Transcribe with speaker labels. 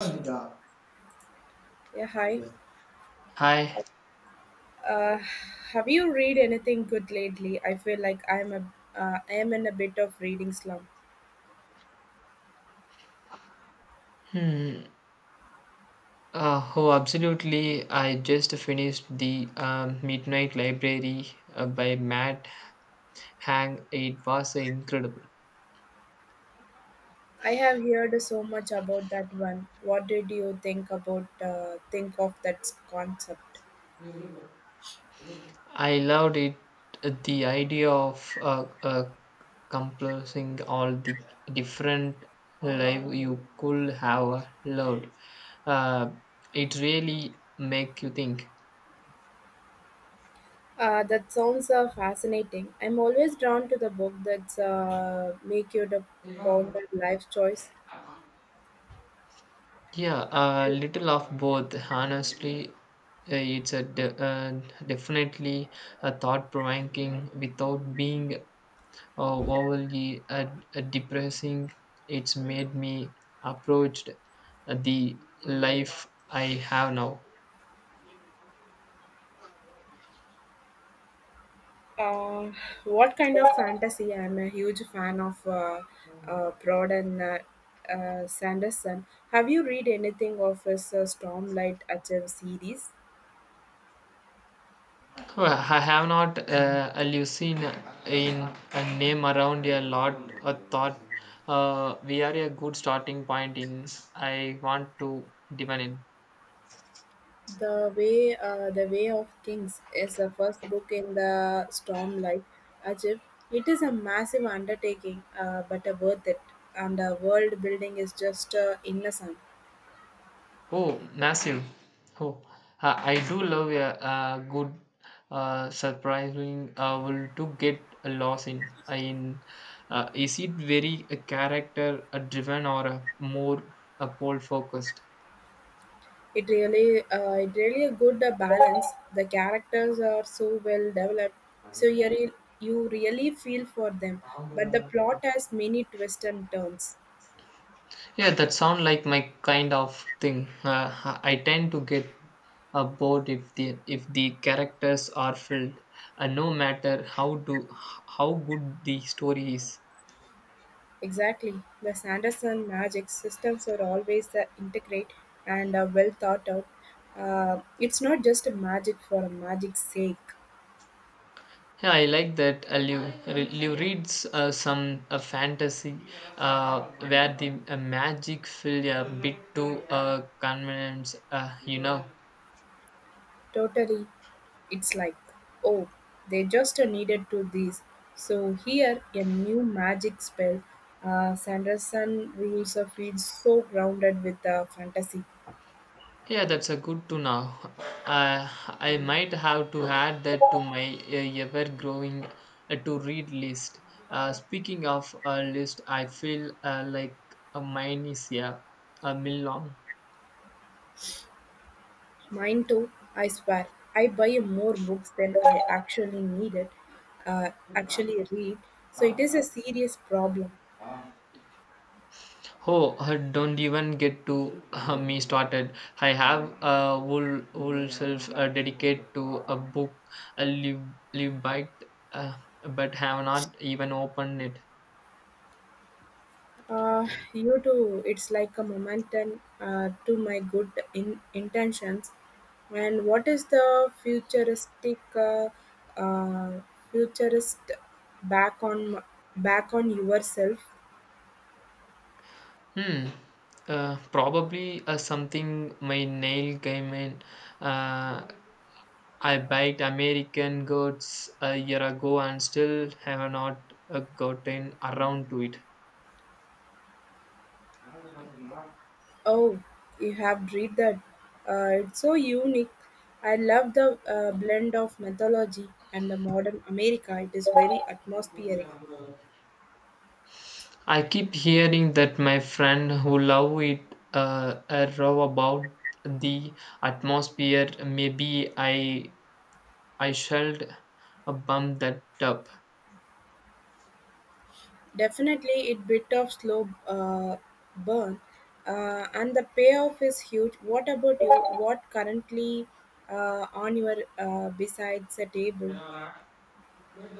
Speaker 1: Yeah, hi.
Speaker 2: Hi.
Speaker 1: Uh, have you read anything good lately? I feel like I am in a bit of reading slump.
Speaker 2: Hmm. Oh, absolutely. I just finished the Midnight Library by Matt Hang. It was incredible.
Speaker 1: I have heard so much about that one. What did you think about think of that concept?
Speaker 2: I loved it. The idea of compassing all the different life you could have loved. Uh, it really make you think.
Speaker 1: That sounds fascinating. I'm always drawn to the book that's make you to ponder life choice.
Speaker 2: Yeah, a little of both. Honestly, it's definitely a thought provoking without being overly depressing. It's made me approached the life I have now.
Speaker 1: Uh, what kind of fantasy? I'm a huge fan of Broden Sanderson. Have you read anything of his Stormlight Achieve series?
Speaker 2: Well, I have not a in a name around a lot. A thought. We are a good starting point in. I want to dive in.
Speaker 1: The way of Kings is the first book in the Stormlight Achieve. It is a massive undertaking, but worth it. And the world building is just innocent.
Speaker 2: Oh, massive. Oh, I do love a, good, surprising will to get lost in. In is it very character driven or more pole focused?
Speaker 1: It really a good balance. The characters are so well developed, so you really feel for them. But the plot has many twists and turns.
Speaker 2: Yeah, that sound like my kind of thing. I tend to get bored if the characters are filled, no matter how do how good the story is.
Speaker 1: Exactly, the Sanderson magic systems are always integrate and well thought out. It's not just a magic for a magic's sake.
Speaker 2: Yeah, I like that. Liu reads some fantasy where the magic feel a bit too convenience, uh.
Speaker 1: Totally. It's like, oh, they just needed to this. So here a new magic spell. Sanderson rules of feels so grounded with the fantasy.
Speaker 2: Yeah, that's a good to know. Uh, I might have to add that to my ever-growing to-read list. Speaking of a list, I feel like mine is a mill long.
Speaker 1: Mine too, I swear. I buy more books than I actually needed, uh, actually read. So it is a serious problem.
Speaker 2: Oh, don't even get to me started. I have a whole self dedicated to a book, a live, live by, uh, but have not even opened it.
Speaker 1: Uh, you too, it's like a momentum to my good intentions. And what is the futuristic uh, futurist back on back on yourself?
Speaker 2: Hmm. Probably something my nail game in. Uh, I biked American Gods a year ago and still have not gotten around to it.
Speaker 1: Oh, you have read that. It's so unique. I love the blend of mythology and the modern America. It is very atmospheric.
Speaker 2: I keep hearing that my friend who love it row about the atmosphere. Maybe I should bump that up.
Speaker 1: Definitely, it bit of slow burn, and the payoff is huge. What about you? What currently on your besides the table?